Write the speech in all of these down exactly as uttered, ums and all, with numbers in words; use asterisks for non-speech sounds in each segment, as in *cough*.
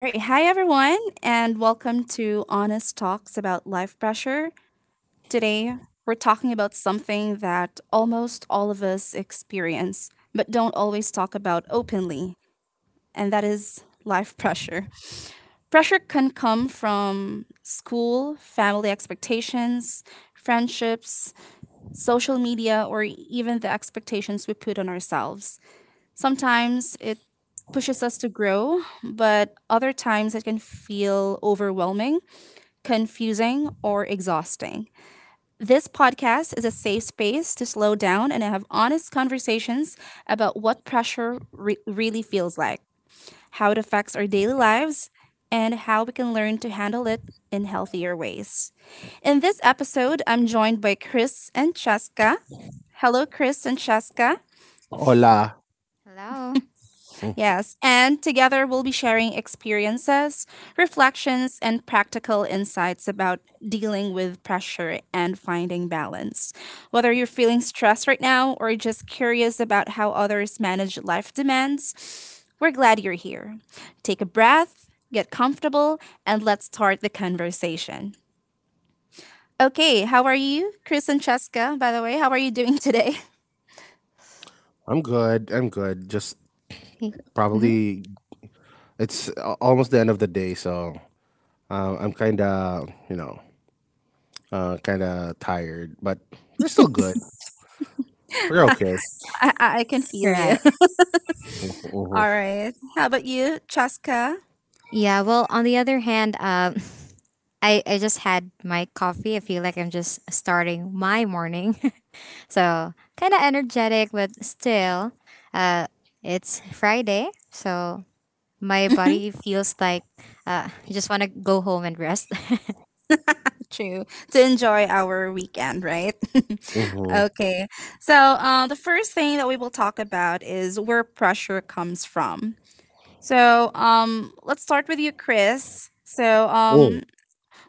All right. Hi, everyone, and welcome to Honest Talks about Life Pressure. Today, we're talking about something that almost all of us experience, but don't always talk about openly, and that is life pressure. Pressure can come from school, family expectations, friendships, social media, or even the expectations we put on ourselves. Sometimes it pushes us to grow, but other times it can feel overwhelming, confusing, or exhausting. This podcast is a safe space to slow down and have honest conversations about what pressure re- really feels like, how it affects our daily lives, and how we can learn to handle it in healthier ways. In this episode, I'm joined by Chris and Cheska. Hello, Chris and Cheska. Hola. Hello. Mm, Yes, and together we'll be sharing experiences, reflections, and practical insights about dealing with pressure and finding balance. Whether you're feeling stressed right now or just curious about how others manage life demands, we're glad you're here. Take a breath, get comfortable, and let's start the conversation. Okay, how are you, Chris and Cheska? By the way, how are you doing today? I'm good. I'm good. Just Mm-hmm. probably it's a- almost the end of the day, so um, I'm kind of you know uh, kind of tired, but we're still good. We're okay. *laughs* I, I I can feel you. Right. Mhm, *laughs* mhm, All right. How about you, Cheska? Yeah. Well, on the other hand, uh, *laughs* I I just had my coffee. I feel like I'm just starting my morning, *laughs* so kind of energetic, but still, uh, it's Friday, so my *laughs* body feels like uh, I just want to go home and rest. *laughs* True. To enjoy our weekend, right? *laughs* mhm. Okay. So, uh, the first thing that we will talk about is where pressure comes from. So, um, let's start with you, Chris. So, Mm. um,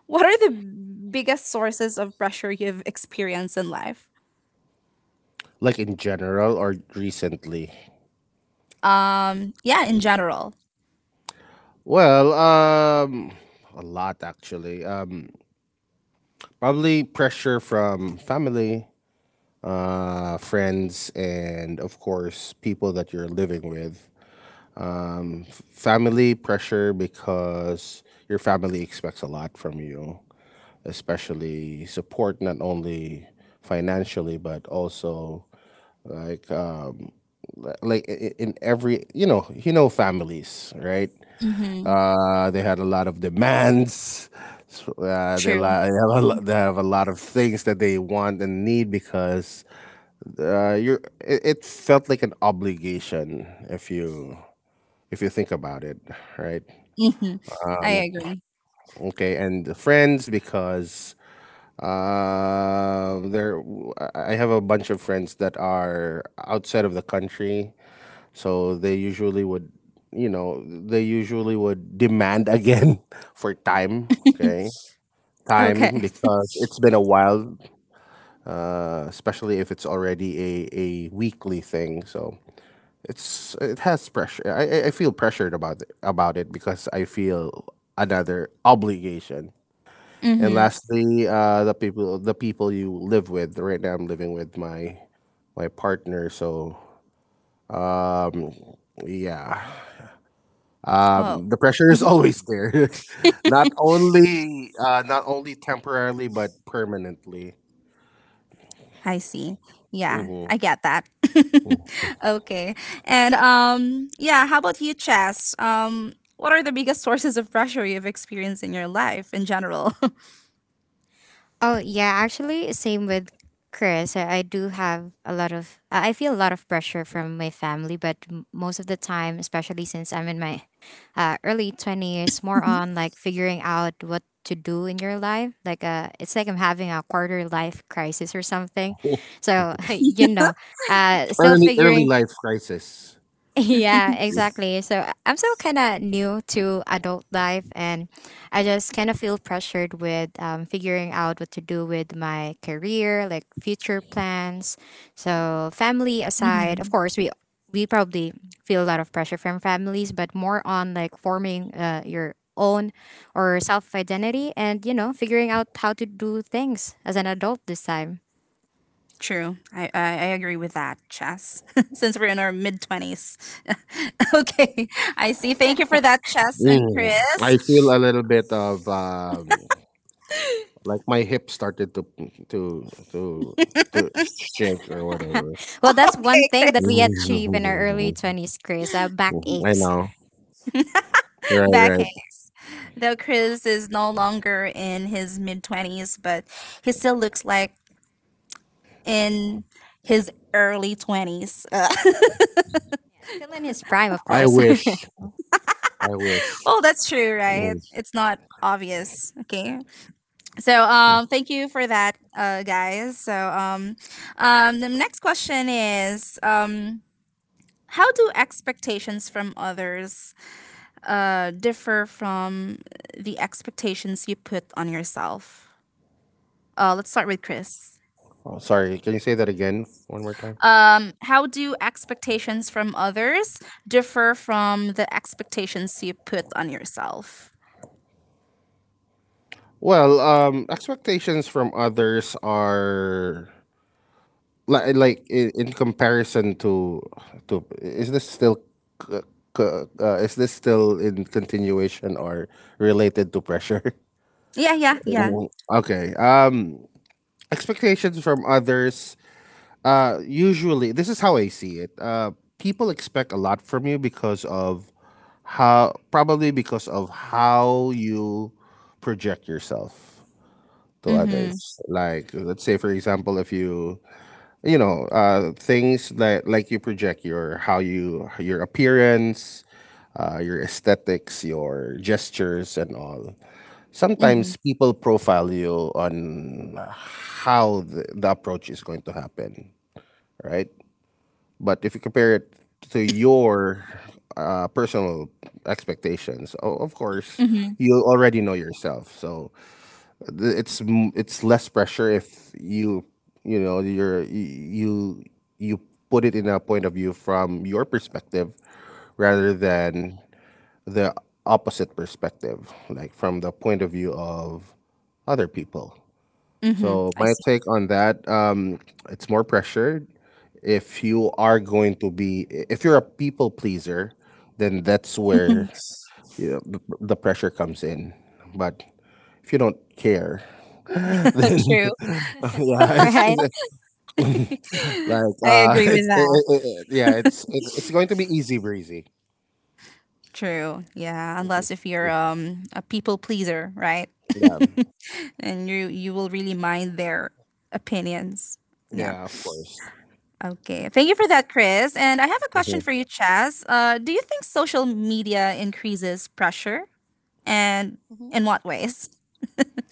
what are the biggest sources of pressure you've experienced in life? Like in general or recently? Um, yeah, in general. Well, um, a lot actually. Um, probably pressure from family, uh, friends, and of course people that you're living with. Um, f- family pressure because your family expects a lot from you, especially support not only financially but also like um, li- like i- i- in every you know you know families right. Mm-hmm. Uh, they had a lot of demands. So, Uh, they, li- True. they, have a lot, they have a lot of things that they want and need because uh, you're, it, it felt like an obligation if you if you think about it, right? Mm-hmm. I agree. Okay, and the friends because uh, there I have a bunch of friends that are outside of the country, so they usually would, you know, they usually would demand again *laughs* for time. Okay, time Okay. because it's been a while, uh, especially if it's already a a weekly thing. So It's it has pressure. I I- I feel pressured about it, about it because I feel another obligation. And Mm-hmm. lastly, uh, the people the people you live with. Right now, I'm living with my my partner. So um, yeah, Oh, um, the pressure is always there. *laughs* Not Mhm. only uh, not only temporarily but permanently. I see. Yeah, Hmm. I get that. *laughs* *laughs* Okay. And um yeah, how about you, Chess? Um what are the biggest sources of pressure you've experienced in your life in general? Oh yeah, actually, same with Chris. I, I do have a lot of. I I feel a lot of pressure from my family, but m- most of the time, especially since I'm in my uh, early twenties, more on *laughs* like figuring out what to do in your life, like uh it's like I'm having a quarter life crisis or something, so *laughs* you know, uh still early early figuring. life crisis. *laughs* Yeah, exactly. So I- I'm still kind of new to adult life, and I just kind of feel pressured with um, figuring out what to do with my career, like future plans. So family Mhm. aside, of course, we we probably feel a lot of pressure from families, but more on like forming uh, your own or self identity, and you know, figuring out how to do things as an adult this time. True. I, I, I agree with that, Chess, *laughs* since we're in our mid twenties. *laughs* Okay. I see. Thank you for that, Chess and Mm. Chris. I feel a little bit of um, like my hip started to to to to shake or *laughs* whatever. Well, *laughs* that's one Okay, thing that Chris. we achieve in our early *laughs* twenties, Chris. Uh, back I aches. know. Right, *laughs* right. Backhand. Though Chris is no longer in his mid twenties, but he still looks like in his early twenties. Uh, Yeah, still in his prime, of I course. wish. I *laughs* wish. oh, that's true, Mm. right? It's not obvious. Okay. So, um thank you for that, uh guys. So, um um the next question is um how do expectations from others uh differ from the expectations you put on yourself? Uh let's start with Chris. Oh, sorry, can you say that again one more time? Um, how do expectations from others differ from the expectations you put on yourself? Well, um, expectations from others are like like in, in comparison to to is this still c- c- uh, is this still in continuation or related to pressure? Yeah, yeah, yeah. Mhm. Okay. Um expectations from others uh usually this is how I see it. Uh people expect a lot from you because of how probably because of how you project yourself to others. Mhm. Like let's say for example if you you know uh things that like you project your how you your appearance, uh your aesthetics, your gestures and all, Mhm. sometimes people profile you on how the, the approach is going to happen, right? But if you compare it to your uh, personal expectations, o- of course, Mhm. you already know yourself. So th- it's m- it's less pressure if you you know you're y- you you put it in a point of view from your perspective rather than the opposite perspective, like from the point of view of other people. Mhm. So I my see. take on that, um, it's more pressured. If you are going to be, if you're a people pleaser, then that's where *laughs* you know, the, the pressure comes in. But if you don't care, *laughs* then *laughs* True. *laughs* yeah, it's, right? it's *laughs* like I uh, *laughs* agree with it's it, that. it, it, yeah, it's it, it's going to be easy breezy. True. Yeah, unless *laughs* if you're um a people pleaser, right? Yeah, *laughs* And you you will really mind their opinions. Yeah. yeah, of course. Okay. Thank you for that, Chris. And I have a question for Mm-hmm. you, Chaz. Uh, do you think social media increases pressure, and Mhm. in what ways?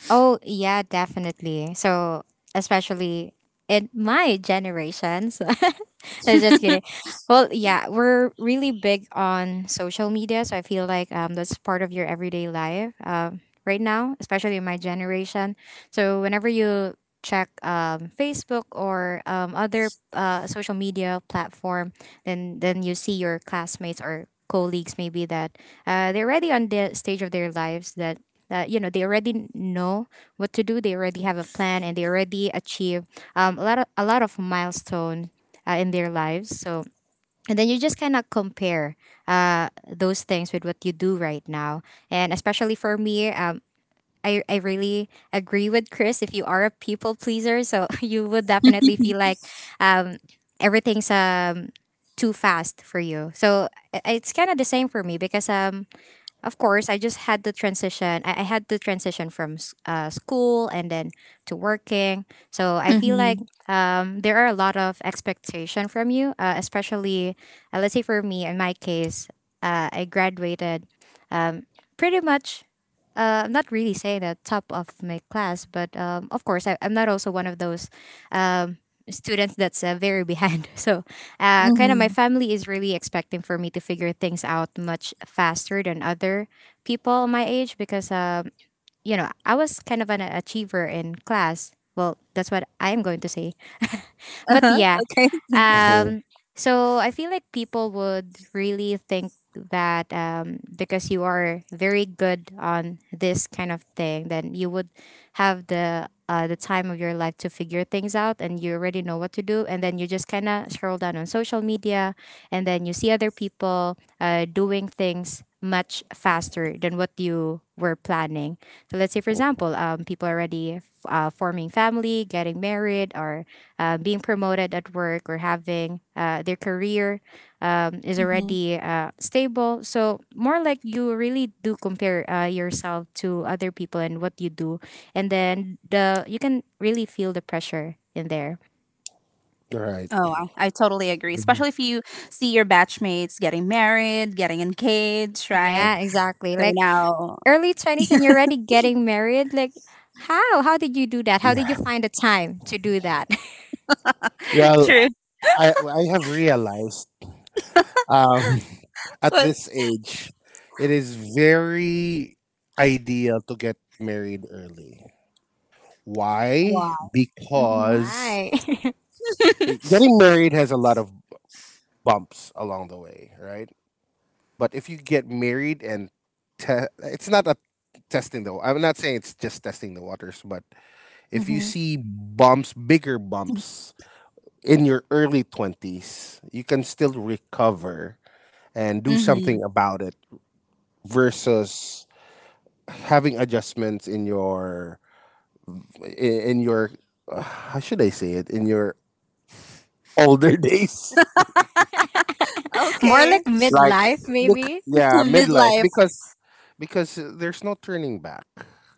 Oh, yeah, definitely. So, especially in my generation. So, *laughs* I was just kidding. Well, yeah, we're really big on social media. So, I feel like um, that's part of your everyday life um, right now, especially in my generation. So, whenever you check um, Facebook or um, other uh, social media platform, then, then you see your classmates or colleagues maybe that uh, they're already on the stage of their lives, that uh, you know, they already know what to do. They already have a plan and they already achieve um, a lot of a lot of milestone uh, in their lives. So and then you just cannot compare uh, those things with what you do right now. And especially for me, um, I, I really agree with Chris. If you are a people pleaser, so *laughs* you would definitely feel like um, everything's um, too fast for you. So i- it's kind of the same for me, because um, of course, I just had the transition. I, I had the transition from s- uh, school, and then to working. So I feel like Mm-hmm. um, there are a lot of expectation from you, uh, especially, uh, let's say for me, in my case, uh, I graduated um, pretty much, uh, I'm not really saying the top of my class, but um, of course, I, I'm not also one of those um, students that's uh, very behind. *laughs* So uh, kind of my Mm-hmm. family is really expecting for me to figure things out much faster than other people my age, because um, you know, I was kind of an achiever in class, well, that's what I'm going to say, but Uh-huh. yeah, Okay. Mhm. um, so I feel like people would really think that um, because you are very good on this kind of thing, then you would have the uh, the time of your life to figure things out, and you already know what to do, and then you just kind of scroll down on social media, and then you see other people uh, doing things much faster than what you were planning. So let's say, for example, um, people already f- uh, forming family, getting married, or uh, being promoted at work, or having uh, their career um, is *laughs* already uh, stable. So, more like you really do compare uh, yourself to other people and what you do. And then the you can really feel the pressure in there. Right. Oh, I, I totally agree. Mhm. Especially if you see your batchmates getting married, getting engaged, right? Yeah, exactly. They're Like now early twenties and you're already getting married. Like, how? How did you do that? How did Yeah. you find the time to do that? *laughs* Well, true. I I have realized um, *laughs* at But- this age, it is very ideal to get married early. Yeah. Why? *laughs* Oh, Mm-hmm. Because why? eh, getting married has a lot of bumps along the way, right? But if you get married and te- it's not a testing though. I'm not saying it's just testing the waters, but if you Mm-hmm. see bumps, bigger bumps in your early twenties, you can still recover and do Mm-hmm. something about it versus having adjustments in your i- in your uh, how should I say it, in your older *laughs* days *laughs* More Okay. like like, midlife, look, maybe? *laughs* yeah, midlife, Midlife. because because there's no turning back.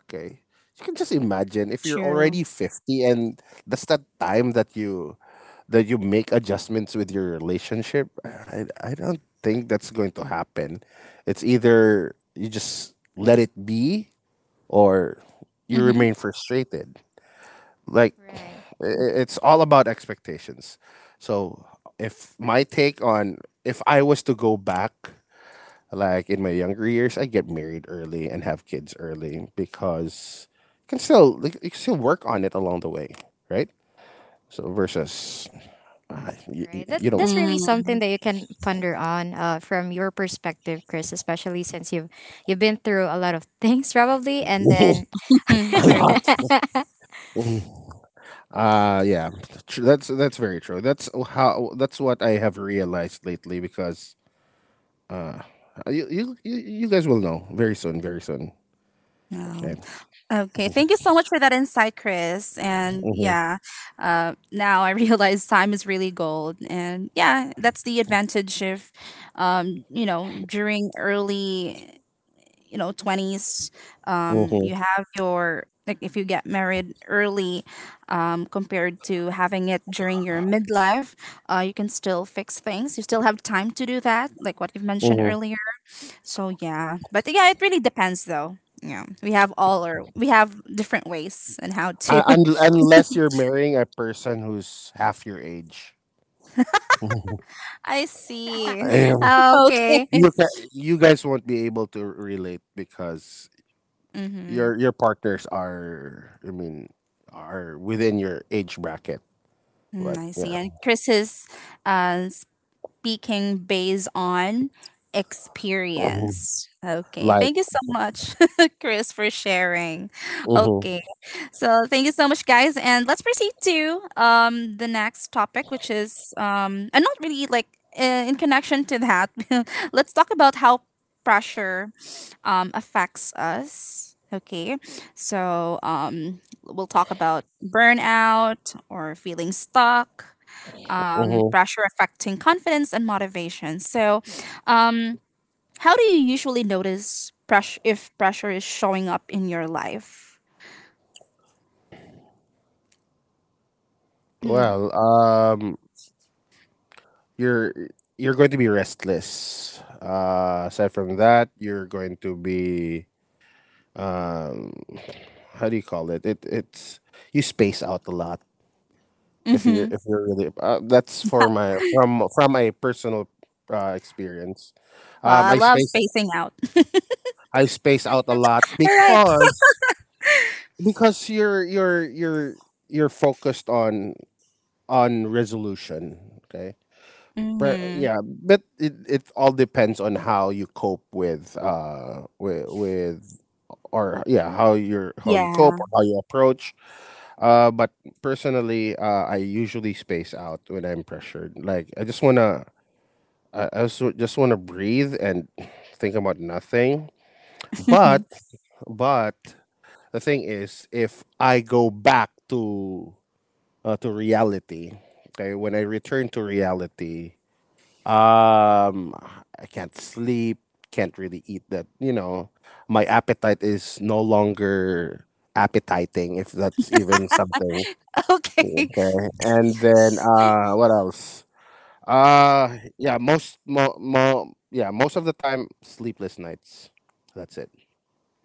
Okay, you can just imagine if you're True. already fifty and that's the time that you that you make adjustments with your relationship, I, I don't think that's going to happen. It's either you just let it be or you Mm-hmm. remain frustrated. Like, i- Right. i- it's all about expectations. So, if my take on if I was to go back, like in my younger years, I get married early and have kids early because you can still like, you can still work on it along the way, right? So versus uh, you, Right. That you that's know. really Mm-hmm. something that you can ponder on uh, from your perspective, Chris, especially since you've you've been through a lot of *laughs* things probably, and then *laughs* *laughs* A lot. True. *laughs* Mm. Uh yeah, tr- that's that's very true. That's how, that's what I have realized lately because uh you you you you guys will know very soon, very soon. Um, Okay. okay. Thank you so much for that insight, Chris. And Mhm, yeah, uh, now I *laughs* realize time is really gold. And yeah, that's the advantage of, um, you know, during early you know twenties, um, mhm, you have your like if you get married early, um, compared to having it during your midlife. uh, you can still fix things, you still have time to do that like what you've mentioned mhm. earlier. So yeah, but yeah, it really depends though. Yeah, we have all or we have different ways and how to… Uh, un- unless you're marrying a person who's half your age, *laughs* Mhm. *laughs* I see. Um, *laughs* Okay. Okay. you ca- you guys won't be able to relate because Mm-hmm. your your partners are, I mean, are within your age bracket. Mm, But I see. yeah, And Chris's uh, speaking based on mhm. experience. Okay, thank you so much, *laughs* Chris, for sharing. Mhm. Okay, so thank you so much, guys, and let's proceed to um the next topic, which is um and not really like uh, in connection to that. *laughs* Let's talk about how pressure um affects us. Okay, so um we'll talk about burnout or feeling stuck, um, Mhm. pressure affecting confidence and motivation. So, um, how do you usually notice pressure if pressure is showing up in your life? Mm. Well, um, you're you're going to be restless. Uh, aside from that, you're going to be um, how do you call it? It it's You space out a lot if you Mm-hmm. if you're really. Uh, that's for my from from a personal uh, experience. Well, Um, I I love space spacing out. I space out a lot All right. because because you're you're you're you're focused on on resolution. Okay. But uh, Mm-hmm. yeah, but it it all depends on how you cope with uh with, with or yeah how you're how you Yeah. cope or how you approach. Uh, but personally, uh, I usually space out when I'm pressured. Like I just wanna I, I just, just wanna breathe and *sighs* think about nothing. But *laughs* but the thing is, if I go back to uh, to reality, okay, when I return to reality, Um, I can't sleep, can't really eat that, you know, my appetite is no longer appetizing, if that's even something. Okay. Okay. And then uh what else? Uh yeah, most mo, mo yeah, most of the time sleepless nights. That's it.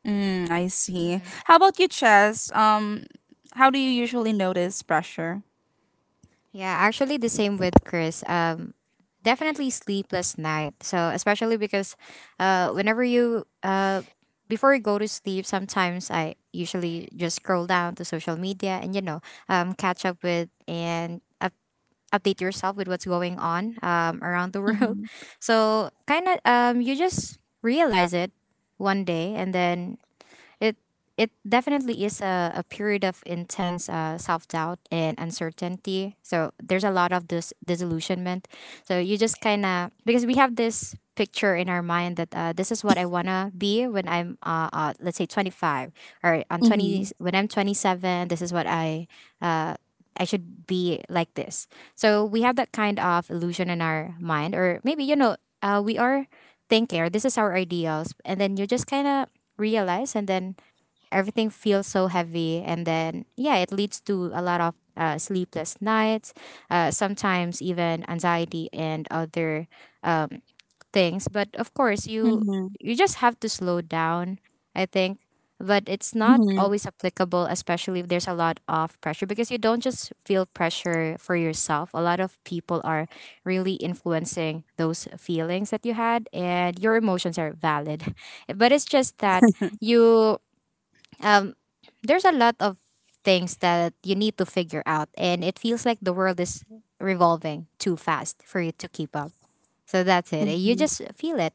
Mm, I see. Mhm. How about you, Chess? Um, how do you usually notice pressure? Yeah, actually the same with Chris. Um definitely sleepless night. So especially because uh whenever you uh before you go to sleep, sometimes I usually just scroll down to social media, and you know, um catch up with and update yourself with what's going on um, around the *laughs* world. Mm-hmm. So kind of um, you just realize it one day, and then it it definitely is a, a period of intense uh, self doubt and uncertainty. So there's a lot of this disillusionment. So you just kind of, because we have this picture in our mind that uh, this is what I wanna be when I'm uh, uh let's say twenty-five, or on twenty Mm-hmm. when I'm twenty-seven. This is what I uh I should be like this. So we have that kind of illusion in our mind, or maybe, you know, uh, we are thinking, or this is our ideals. And then you just kind of realize, and then everything feels so heavy. And then, yeah, it leads to a lot of uh, sleepless nights, uh, sometimes even anxiety and other things, but of course, you Mm-hmm. you just have to slow down, I think, but it's not Mm-hmm. always applicable, especially if there's a lot of pressure, because you don't just feel pressure for yourself, a lot of people are really influencing those feelings that you had, and your emotions are valid. *laughs* But it's just that you um there's a lot of things that you need to figure out, and it feels like the world is revolving too fast for you to keep up. So that's it. You just feel it.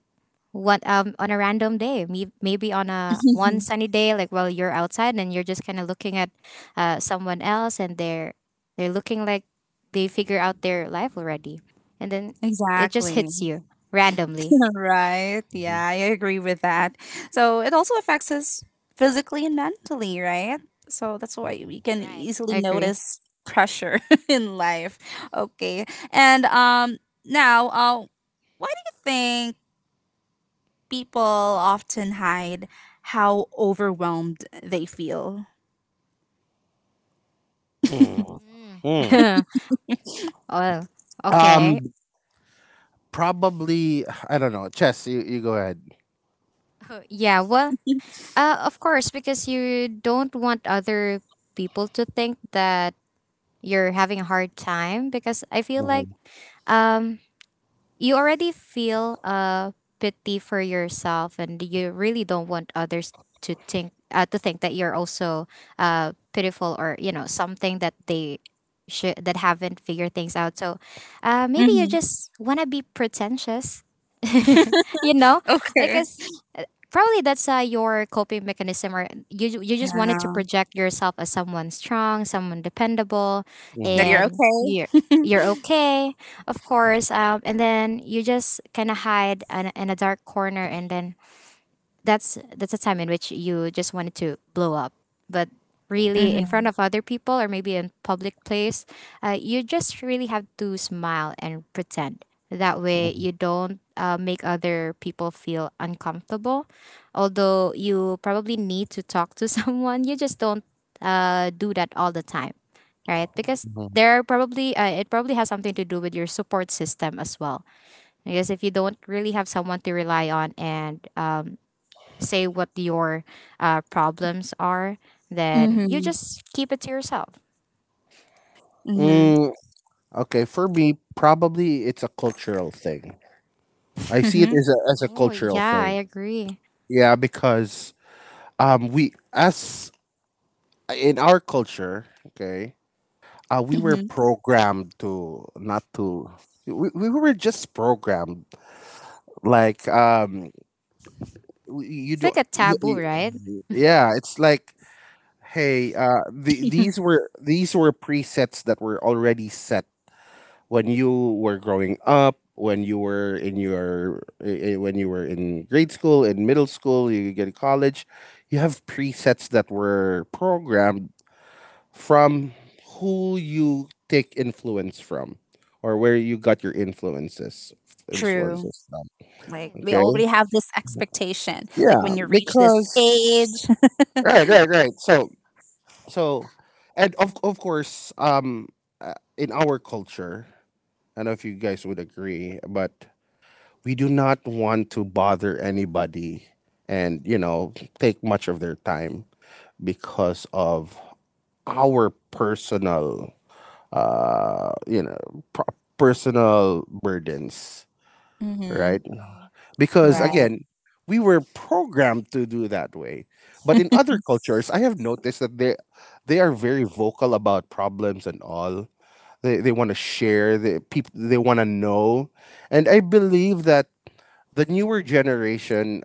What um On a random day, may- maybe on a one sunny day, like while you're outside and you're just kind of looking at uh, someone else, and they're they're looking like they figure out their life already, and then *laughs* it just Exactly. hits you *laughs* randomly. Right. Yeah, Mhm. I agree with that. So it also affects us physically and mentally, right? So that's why we can Right. easily I agree. notice pressure *laughs* in life. Okay. And um now, uh why do you think people often hide how overwhelmed they feel? Mm. Mhm. *laughs* Oh, Um okay. Probably I don't know. Chess, you, you go ahead. Uh, yeah, well, *laughs* uh, of course, because you don't want other people to think that you're having a hard time. Because I feel like Mhm, um you already feel uh pity for yourself, and you really don't want others to think uh, to think that you're also uh pitiful, or you know, something that they should, that haven't figured things out, so uh maybe you Mm-hmm. just want to be pretentious. *laughs* You know, Okay. because probably that's uh, your coping mechanism, or you ju- you just wanted to Yeah. project yourself as someone strong, someone dependable, That mhm. you're and okay? you're you're okay, of course. Um, and then you just kind of hide in, in a dark corner, and then that's that's a time in which you just wanted to blow up, but mhm, really in front Mm-hmm. of other people, or maybe in public place, uh, you just really have to smile and pretend, that way you don't uh, make other people feel uncomfortable, although you probably need to talk to *laughs* someone. You just don't uh, do that all the time, right? Because mhm. there are probably uh, it probably has something to do with your support system as well, because if you don't really have someone to rely on, and um, say what your uh, problems are, then you Mm-hmm. just keep it to yourself. Mm-hmm. Mm, Okay, for me, probably it's a cultural thing. I see it as a as a Oh, cultural yeah, I thing. agree. Yeah, because um we, as in our culture, okay, uh *laughs* we were Mm-hmm. programmed to not to, we, we were just programmed like um we- you It's don't like a you, taboo, right? you- yeah, it's like hey, uh the, these were these were presets that were already set when you were growing up, when you were in your eh, eh, when you were in grade school, in middle school, you get to college, you have presets that were programmed from who you take influence from, or where you got your influences *laughs* True. influences from. Like Right. we Okay? already have this expectation. Like Yeah, when you reach this because age. right, right, right. So so and of of course, um uh, in our culture, I don't know if you guys would agree, but we do not want to bother anybody and you know take much of their time because of our personal uh you know pro- personal burdens, Mm-hmm. right? Hmm. Because Right. Right. again, we were programmed to do that way, but in other cultures I have noticed that they they are very vocal about problems and all. They they want to share, the people they want to know, and I believe that the newer generation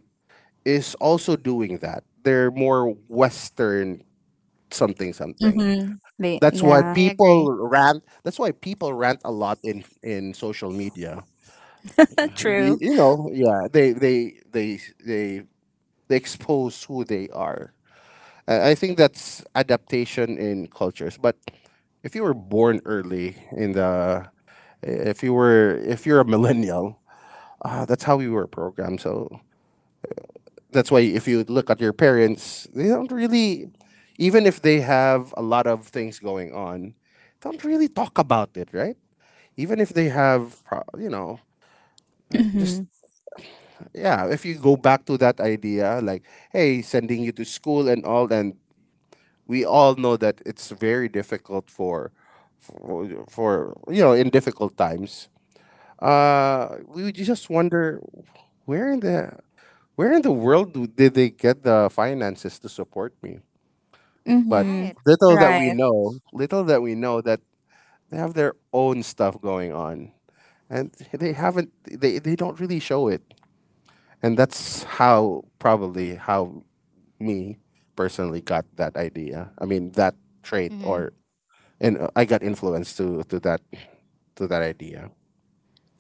is also doing that. They're more Western something something. Mm-hmm. They, That's Hmm. why yeah. I people agree. rant. That's why people rant a lot in in social media. *laughs* You, True. You know, yeah, they they they they they expose who they are. I I think that's adaptation in cultures. But if you were born early in the, if you were if you're a millennial, uh, that's how we were programmed. So that's why if you look at your parents, they don't really, even if they have a lot of things going on, don't really talk about it, right? Even if they have, pro- you know, just Mm-hmm. yeah. If you go back to that idea, like, hey, sending you to school and all, and we all know that it's very difficult for, for, for you know, in difficult times. Hmm. Uh, we would just wonder where in the where in the world do- did they get the finances to support me? But Mm-hmm. Right. little that Right. we know, little that we know that they have their own stuff going on. And they haven't they, they don't really show it. And that's how probably how me personally got that idea. I mean that trait Hmm. or, and uh, I got influenced to to that to that idea.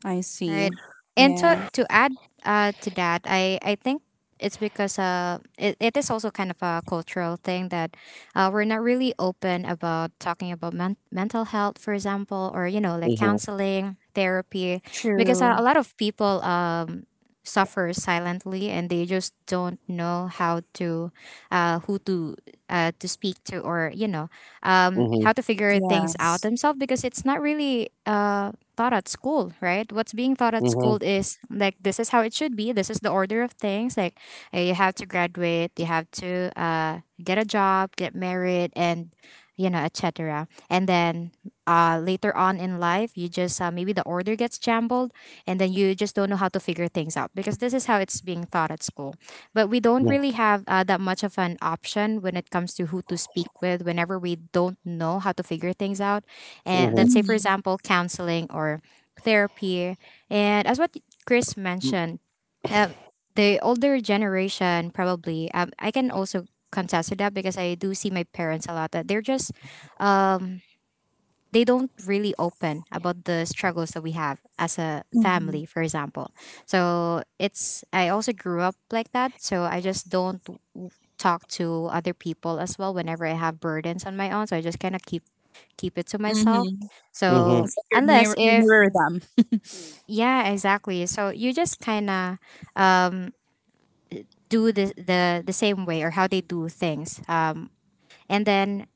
I Right. see. And to Yeah. to add uh to that, I I think it's because uh it, it is also kind of a cultural thing, that uh we're not really open about talking about men- mental health, for example, or you know, like Mhm, counseling, therapy, because a, a True. lot of people um suffer silently, and they just don't know how to uh who to uh, to speak to, or you know, um, mhm, how to figure things out Yes. themselves, because it's not really uh, taught at school, right? What's being taught at school mhm, is like, this is how it should be, this is the order of things, like uh, you have to graduate, you have to uh, get a job, get married, and you know, et cetera. And then uh, later on in life, you just uh, maybe the order gets jumbled, and then you just don't know how to figure things out, because this is how it's being taught at school. But we don't mhm, really have uh, that much of an option when it comes to who to speak with whenever we don't know how to figure things out. And mhm, let's say, for Mm-hmm. example, counseling or therapy. And as what Chris mentioned, um, the older generation probably um, I can also contest to that, because I do see my parents a lot, that they're just um, they don't really open about the struggles that we have as a Mm-hmm. family, for example. So it's I also grew up like that, so I just don't talk to other people as well whenever I have burdens on my own. So I just kind of keep keep it to myself. Mm-hmm. mhm, So It's like you unless mirror, you if mirror them. yeah, exactly. So you just kind of um, do the, the the same way or how they do things. Um, and then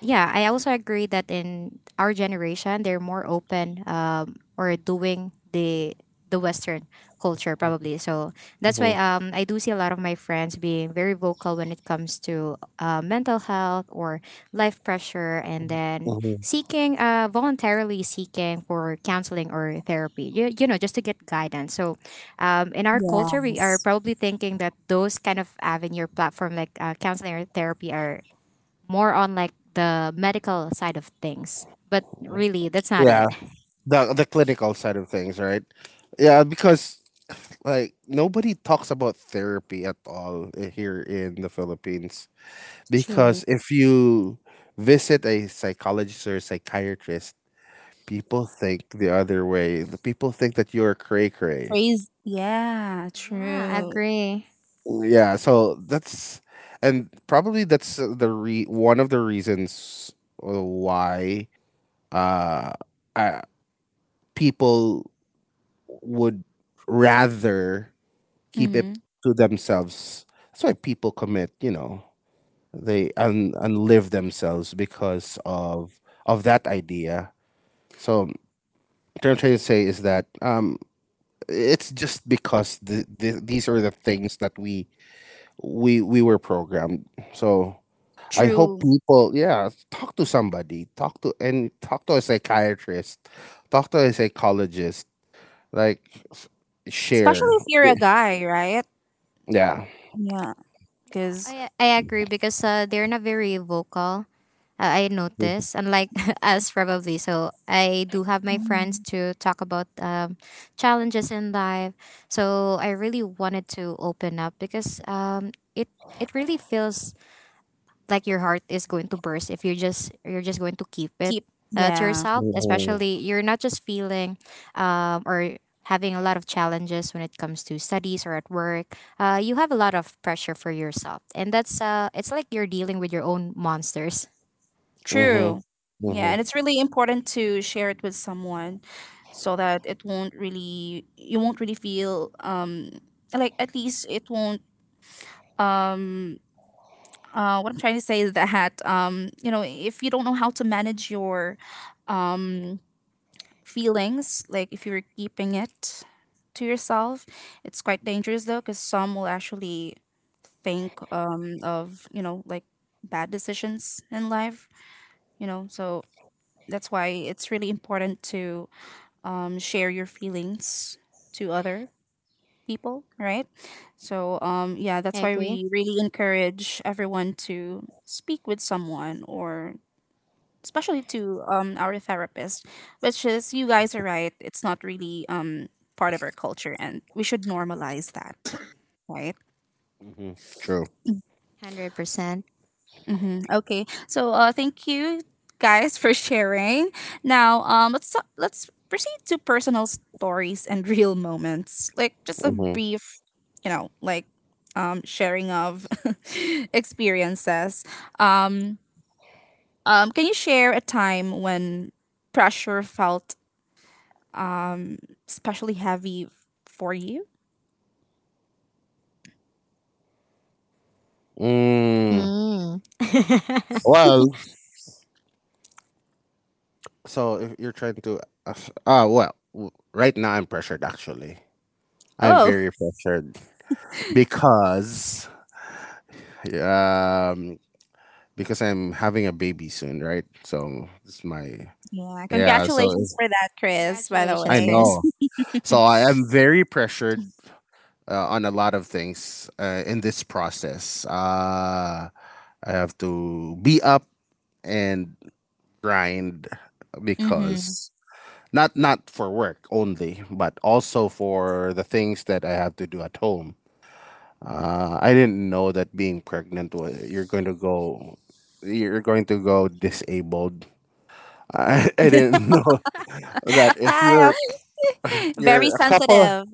yeah, I also agree that in our generation, they're more open um, or doing the the Western culture probably. So that's why mhm, um, I do see a lot of my friends being very vocal when it comes to uh, mental health or life pressure, and then mhm. seeking uh, voluntarily seeking for counseling or therapy. You, you know, just to get guidance. So um, in our culture, we are Yes. probably thinking that those kind of avenue or platform like uh, counseling or therapy are more on like the medical side of things. But really, that's not it. Yeah, the the clinical side of things, right? Yeah, because like nobody talks about therapy at all i- here in the Philippines, True. because if you visit a psychologist or a psychiatrist, people think the other way. The people think that you're cray cray. Praise. Yeah. Yeah, I True. agree. Yeah, so that's, and probably that's the re- one of the reasons uh, why uh, uh people would rather keep Mm-hmm. it to themselves. That's why people commit, you know, they and and live themselves because of of that idea. So what I'm trying to say is that um, it's just because the, the, these are the things that we we we were programmed. So I hope True. people, yeah, talk to somebody, talk to and talk to a psychiatrist, talk to a psychologist, like f- Especially share, if you're a guy, right? yeah. Yeah. Yeah, I Because I agree because uh, they're not very vocal. Uh, I notice, unlike *laughs* us probably. So I do have my friends to talk about um, challenges in life. So I really wanted to open up because um, it it really feels like your heart is going to burst if you just you're just going to keep it keep. uh, to Yeah. yourself Mm-hmm. especially you're not just feeling um, or having a lot of challenges when it comes to studies or at work, uh, you have a lot of pressure for yourself and that's uh, it's like you're dealing with your own monsters. Mm-hmm. True. Yeah, Mm-hmm. and it's really important to share it with someone so that it won't really, you won't really feel, um like at least it won't, um uh what I'm trying to say is that um you know, if you don't know how to manage your um feelings, like if you're keeping it to yourself, it's quite dangerous though, cuz some will actually think um of you know like bad decisions in life, you know, so that's why it's really important to, um, share your feelings to other people, right? So, um, yeah, I that's why agree. we really encourage everyone to speak with someone or especially to, um, our therapist, which is, you guys are right, it's not really, um, part of our culture and we should normalize that, right? Mm-hmm. True. one hundred percent. Mm-hmm. Okay, so uh, thank you guys for sharing. Now, um, let's talk, let's proceed to personal stories and *laughs* real moments, like just a Mm-hmm. brief, you know, like um, sharing of *laughs* experiences. Um, um, can you share a time when pressure felt um especially heavy f- for you? Mm. Mm. *laughs* Well, So if you're trying to, uh, uh well, w- right now I'm pressured actually. I'm Oh, very pressured because um because I'm having a baby soon, right? So it's my yeah! yeah. So if, Congratulations for that, Chris. By the Congratulations, I Chris. know. way, So I am very pressured uh, on a lot of things uh, in this process. Uh, I have to be up and grind mm-hmm. because not not for work only, but also for the things that I have to do at home. Uh, I didn't know that being pregnant was you're going to go you're going to go disabled. I, *laughs* I didn't know that *laughs* if Hi, you're okay. *laughs* very you're a couple sensitive.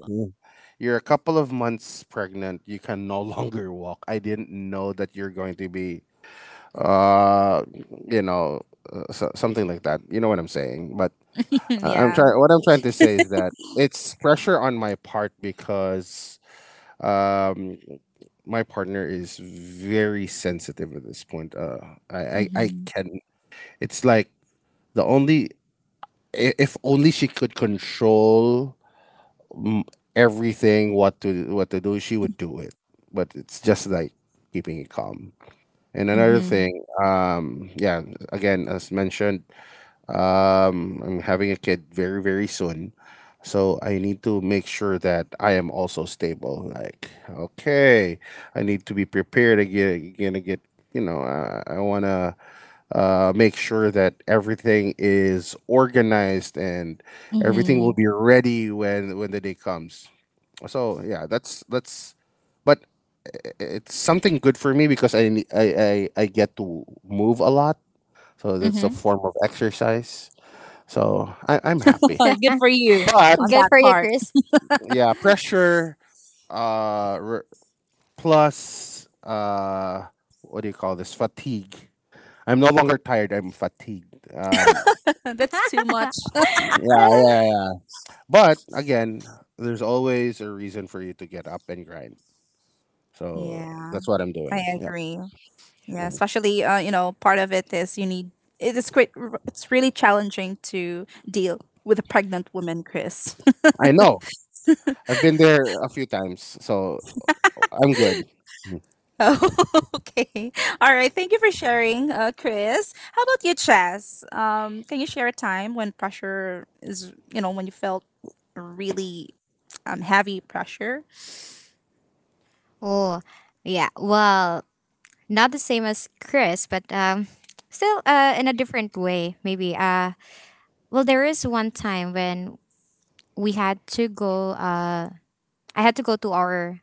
you're a couple of months pregnant, you can no *laughs* longer walk. I didn't know that you're going to be, uh, you know, uh, so, something like that. You know what I'm saying? But *laughs* I- I'm Yeah. trying. What I'm trying to say is that it's pressure on my part because um, my partner is very sensitive at this point. Uh, I, I, I Mhm. can. It's like the only i- if only she could control mm, everything, what to what to do, she would do it. But it's just like keeping it calm. And another Mhm. thing, um, yeah, again as mentioned, um, I'm having a kid very, very soon. So I need to make sure that I am also stable. Like, okay, I need to be prepared again, gonna get, you know, uh, I want to uh, make sure that everything is organized and everything will Mhm. be ready when when the day comes. So yeah, that's that's, but i- it's something good for me because I ne- I I, I get to move a lot. So that's a Mhm. form of exercise. So I, I'm happy. *laughs* Good for you But on Good that for you, part. Chris. yeah, pressure uh, r- plus uh, what do you call this? Fatigue. I'm no longer tired. I'm fatigued. Um, *laughs* That's too much. *laughs* *laughs* yeah, yeah, yeah. But again, there's always a reason for you to get up and grind. So Yeah, that's what I'm I doing. Yep. agree. Yeah, Mhm. especially uh, you know, part of it is you need, it is great. It's really challenging to deal with a pregnant woman, Chris. *laughs* I know. I've been there a few times, so I'm good. Mm-hmm. Oh, *laughs* okay, all right. Thank you for sharing, uh, Chris. How about you, Chess? Um, can you share a time when pressure is, you know, when you felt really um heavy pressure? Oh, yeah, well, not the same as Chris, but um, still uh, in a different way, maybe. Uh, well, there is one time when we had to go. Uh, I had to go to our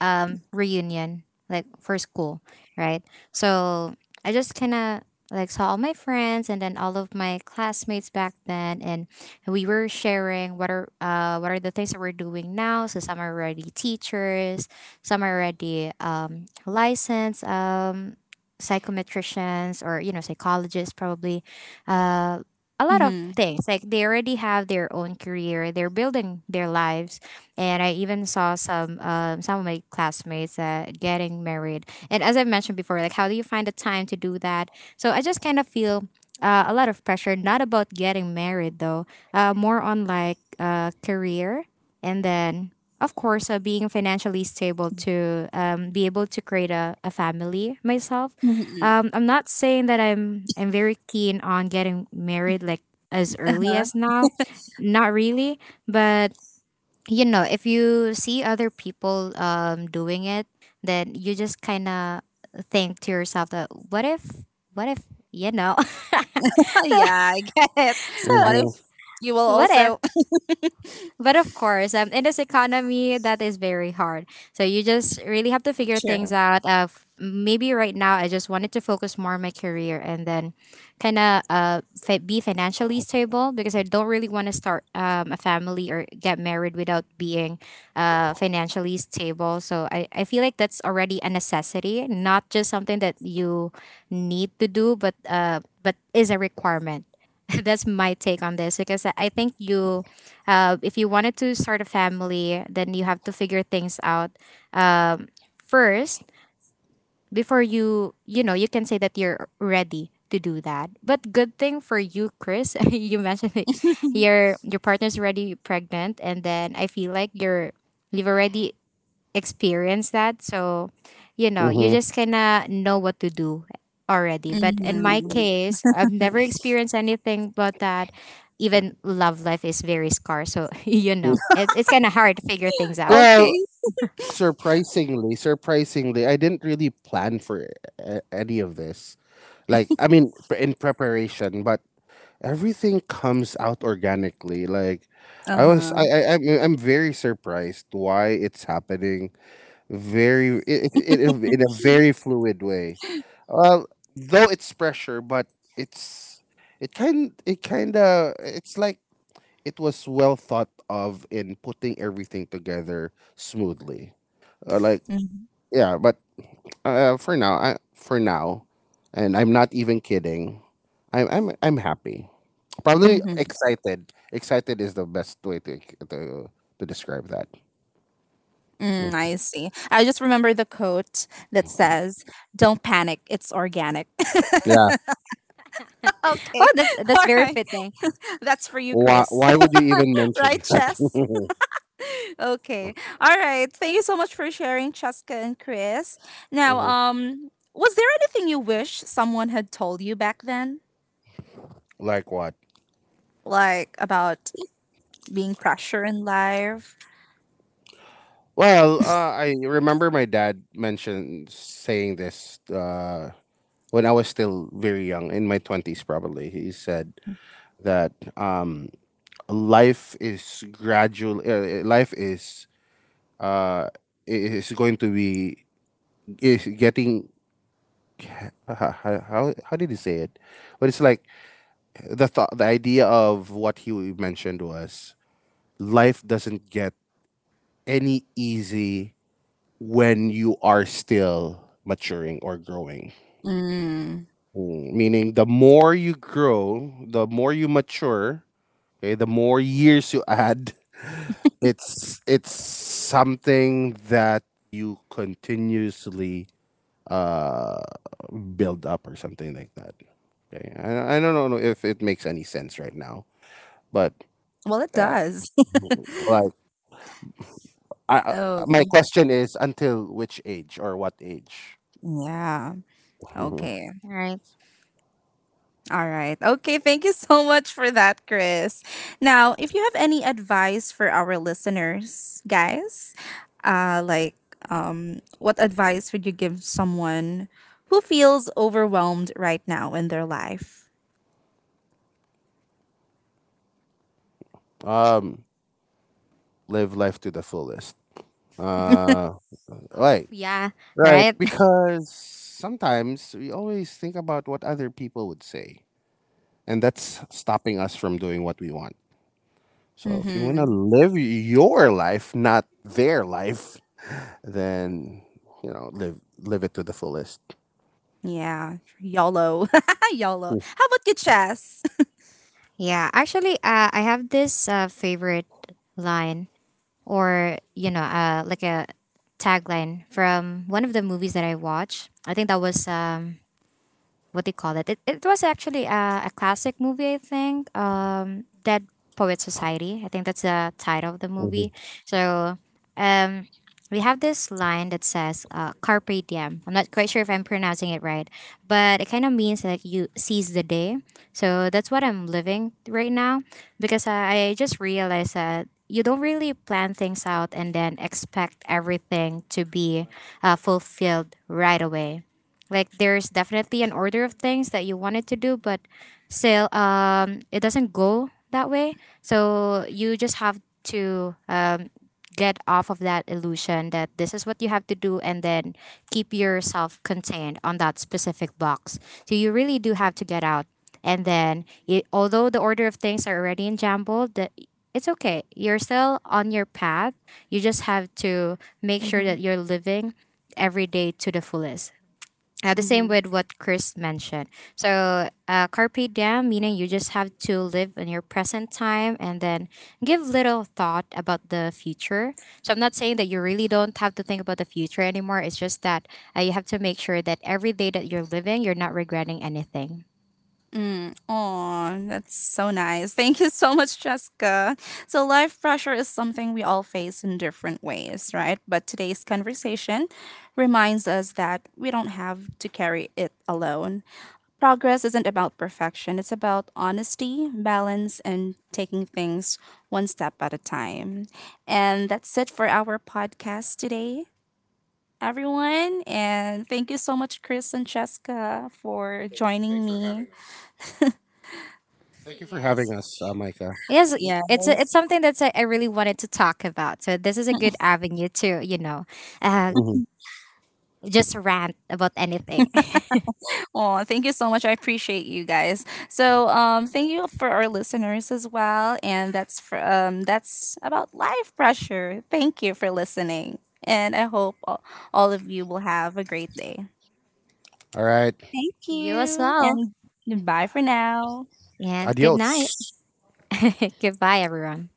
um reunion like for school, right? So I just kind of like saw all my friends and then all of my classmates back then, and we were sharing what are uh what are the things that we're doing now. So some are already teachers, some are already um licensed um psychometricians or you know psychologists probably. uh a lot of Mhm. things, like they already have their own career, they're building their lives. And I even saw some um, some of my classmates uh, getting married. And as I mentioned before, like how do you find the time to do that? So I just kind of feel uh, a lot of pressure, not about getting married though, uh, more on like uh, career, and then of course uh, being financially stable to um, be able to create a, a family myself. Mhm. Um, I'm not saying that I'm I'm very keen on getting married like as early as now. Not really, but you know if you see other people um doing it, then you just kind of think to yourself that what if what if you know, *laughs* Yeah, I get *laughs* it. so What if you will what if. also But of course, um, in this economy, that is very hard. So you just really have to *laughs* figure true. things out. Uh, f- maybe right now, I just wanted to focus more on my career, and then kind of uh, fi- be financially stable because I don't really want to start um, a family or get married without being uh, financially stable. So I, I feel like that's already a necessity, not just something that you need to do, but uh, but is a requirement. *laughs* That's my take on this, because I I think you, uh, if you wanted to start a family, then you have to figure things out um, first before you, you know, you can say that you're ready to do that. But good thing for you, Chris, *laughs* you mentioned that your your partner's already pregnant, and then I feel like you're you've already experience that. So, you Mm-hmm. know, you Mm-hmm. just kind of know what to do already. But in my Hmm. case, I've never experienced anything but that. Even love life is very scarce. So, *laughs* you know, it, it's kind of hard to figure things out. Okay. Well, surprisingly, surprisingly, I didn't really plan for a- any of this. Like, I mean, pre- in preparation, but everything comes out organically. Like, Uh I was, I, huh. I, I'm, I'm very surprised why it's happening. Very, it, it, it, in a very fluid way. Well, though it's pressure, but it's, it kind, it kind of, it's like it was well thought of in putting everything together smoothly uh, like yeah but uh, for now I, for now and I'm not even kidding, i'm i'm I'm happy, probably Mm-hmm. excited, excited is the best way to to, to describe that. Mm, Mm. I see. I just remember the quote that says, "Don't panic. It's organic." Yeah. *laughs* Okay. Oh, that's, *laughs* that's All very right. fitting. That's for you, why, Chris. why would you even *laughs* mention Right, that? Chess. Okay. All right. Thank you so much for sharing, Cheska and Chris. *laughs* Now, Mhm. um, was there anything you wish someone had told you back then, Like what? like about being pressure in life? Well uh, I remember my dad mentioned saying this uh, when I was still very young in my twenties probably. He said that um, life is gradual uh, life is uh, it is going to be is getting ca- *laughs* how, how, how how did he say it, but it's like the thought the idea of what he mentioned was life doesn't get any easy when you are still maturing or growing. Mm. Mm, meaning the more you grow the more you mature, okay, the more years you add. *laughs* It's it's something that you continuously uh build up or something like that. Okay, I, I don't know if it makes any sense right now, but Well, it uh, does. *laughs* like I, I, my Oh, question is until which age or what age? yeah. *laughs* Mhm. Okay. Right. All right. Okay. Thank you so much for that, Chris. Now, if you have any advice for our listeners, guys, uh, like, um, what advice would you give someone who feels overwhelmed right now in their life? um, live life to the fullest. Uh, Oh, right, yeah, right, right. *laughs* because sometimes we always think about what other people would say, and that's stopping us from doing what we want. So if you want to Mm-hmm. live your life, not their life, then you know, live live it to the fullest. Yeah. YOLO. *laughs* YOLO. How about you, Chess? Yeah, actually, uh, I have this uh, favorite line, or you know, uh, like a tagline from one of the movies that I watched. I think that was um, what do you call it? It, it was actually a, a classic movie, I think. Um, Dead Poet Society. I think that's the title of the Mhm. movie. So um, we have this line that says uh, "Carpe diem." I'm not quite sure if I'm pronouncing it right, but it kind of means like you seize the day. So that's what I'm living right now because I, I just realized that you don't really plan things out and then expect everything to be uh, fulfilled right away. Like there's definitely an order of things that you wanted to do, but still, um, it doesn't go that way. So you just have to um, get off of that illusion that this is what you have to do, and then keep yourself contained on that specific box. So you really do have to get out, and then it, although the order of things are already in jumbled, that it's okay. You're still on your path. You just have to make sure that *laughs* you're living every day to the fullest. Uh, the same Mm-hmm. with what Chris mentioned. So, uh, carpe diem, meaning you just have to live in your present time and then give little thought about the future. So, I'm not saying that you really don't have to think about the future anymore. It's just that uh, you have to make sure that every day that you're living, you're not regretting anything. Mm, oh, that's so nice. Thank you so much, Jessica. So, life pressure is something we all face in different ways, right? But today's conversation reminds us that we don't have to carry it alone. Progress isn't about perfection, it's about honesty, balance, and taking things one step at a time. And that's it for our podcast today, everyone. And thank you so much, Chris and Jessica, for joining me. Thank you for having Yes. us, uh, Micah. Yes, y- it's a, it's Yes. something that I I really wanted to talk about. So this is a good avenue to you know, uh, Mhm. just rant about anything. Oh, thank you so much. I appreciate you guys. So, um, thank you for our listeners as well. And that's for um, that's about life pressure. Thank you for listening, and I hope all all of you will have a great day. All right, Thank *laughs* You as you, well, and goodbye for now. and good night. adios. *laughs* Goodbye, everyone.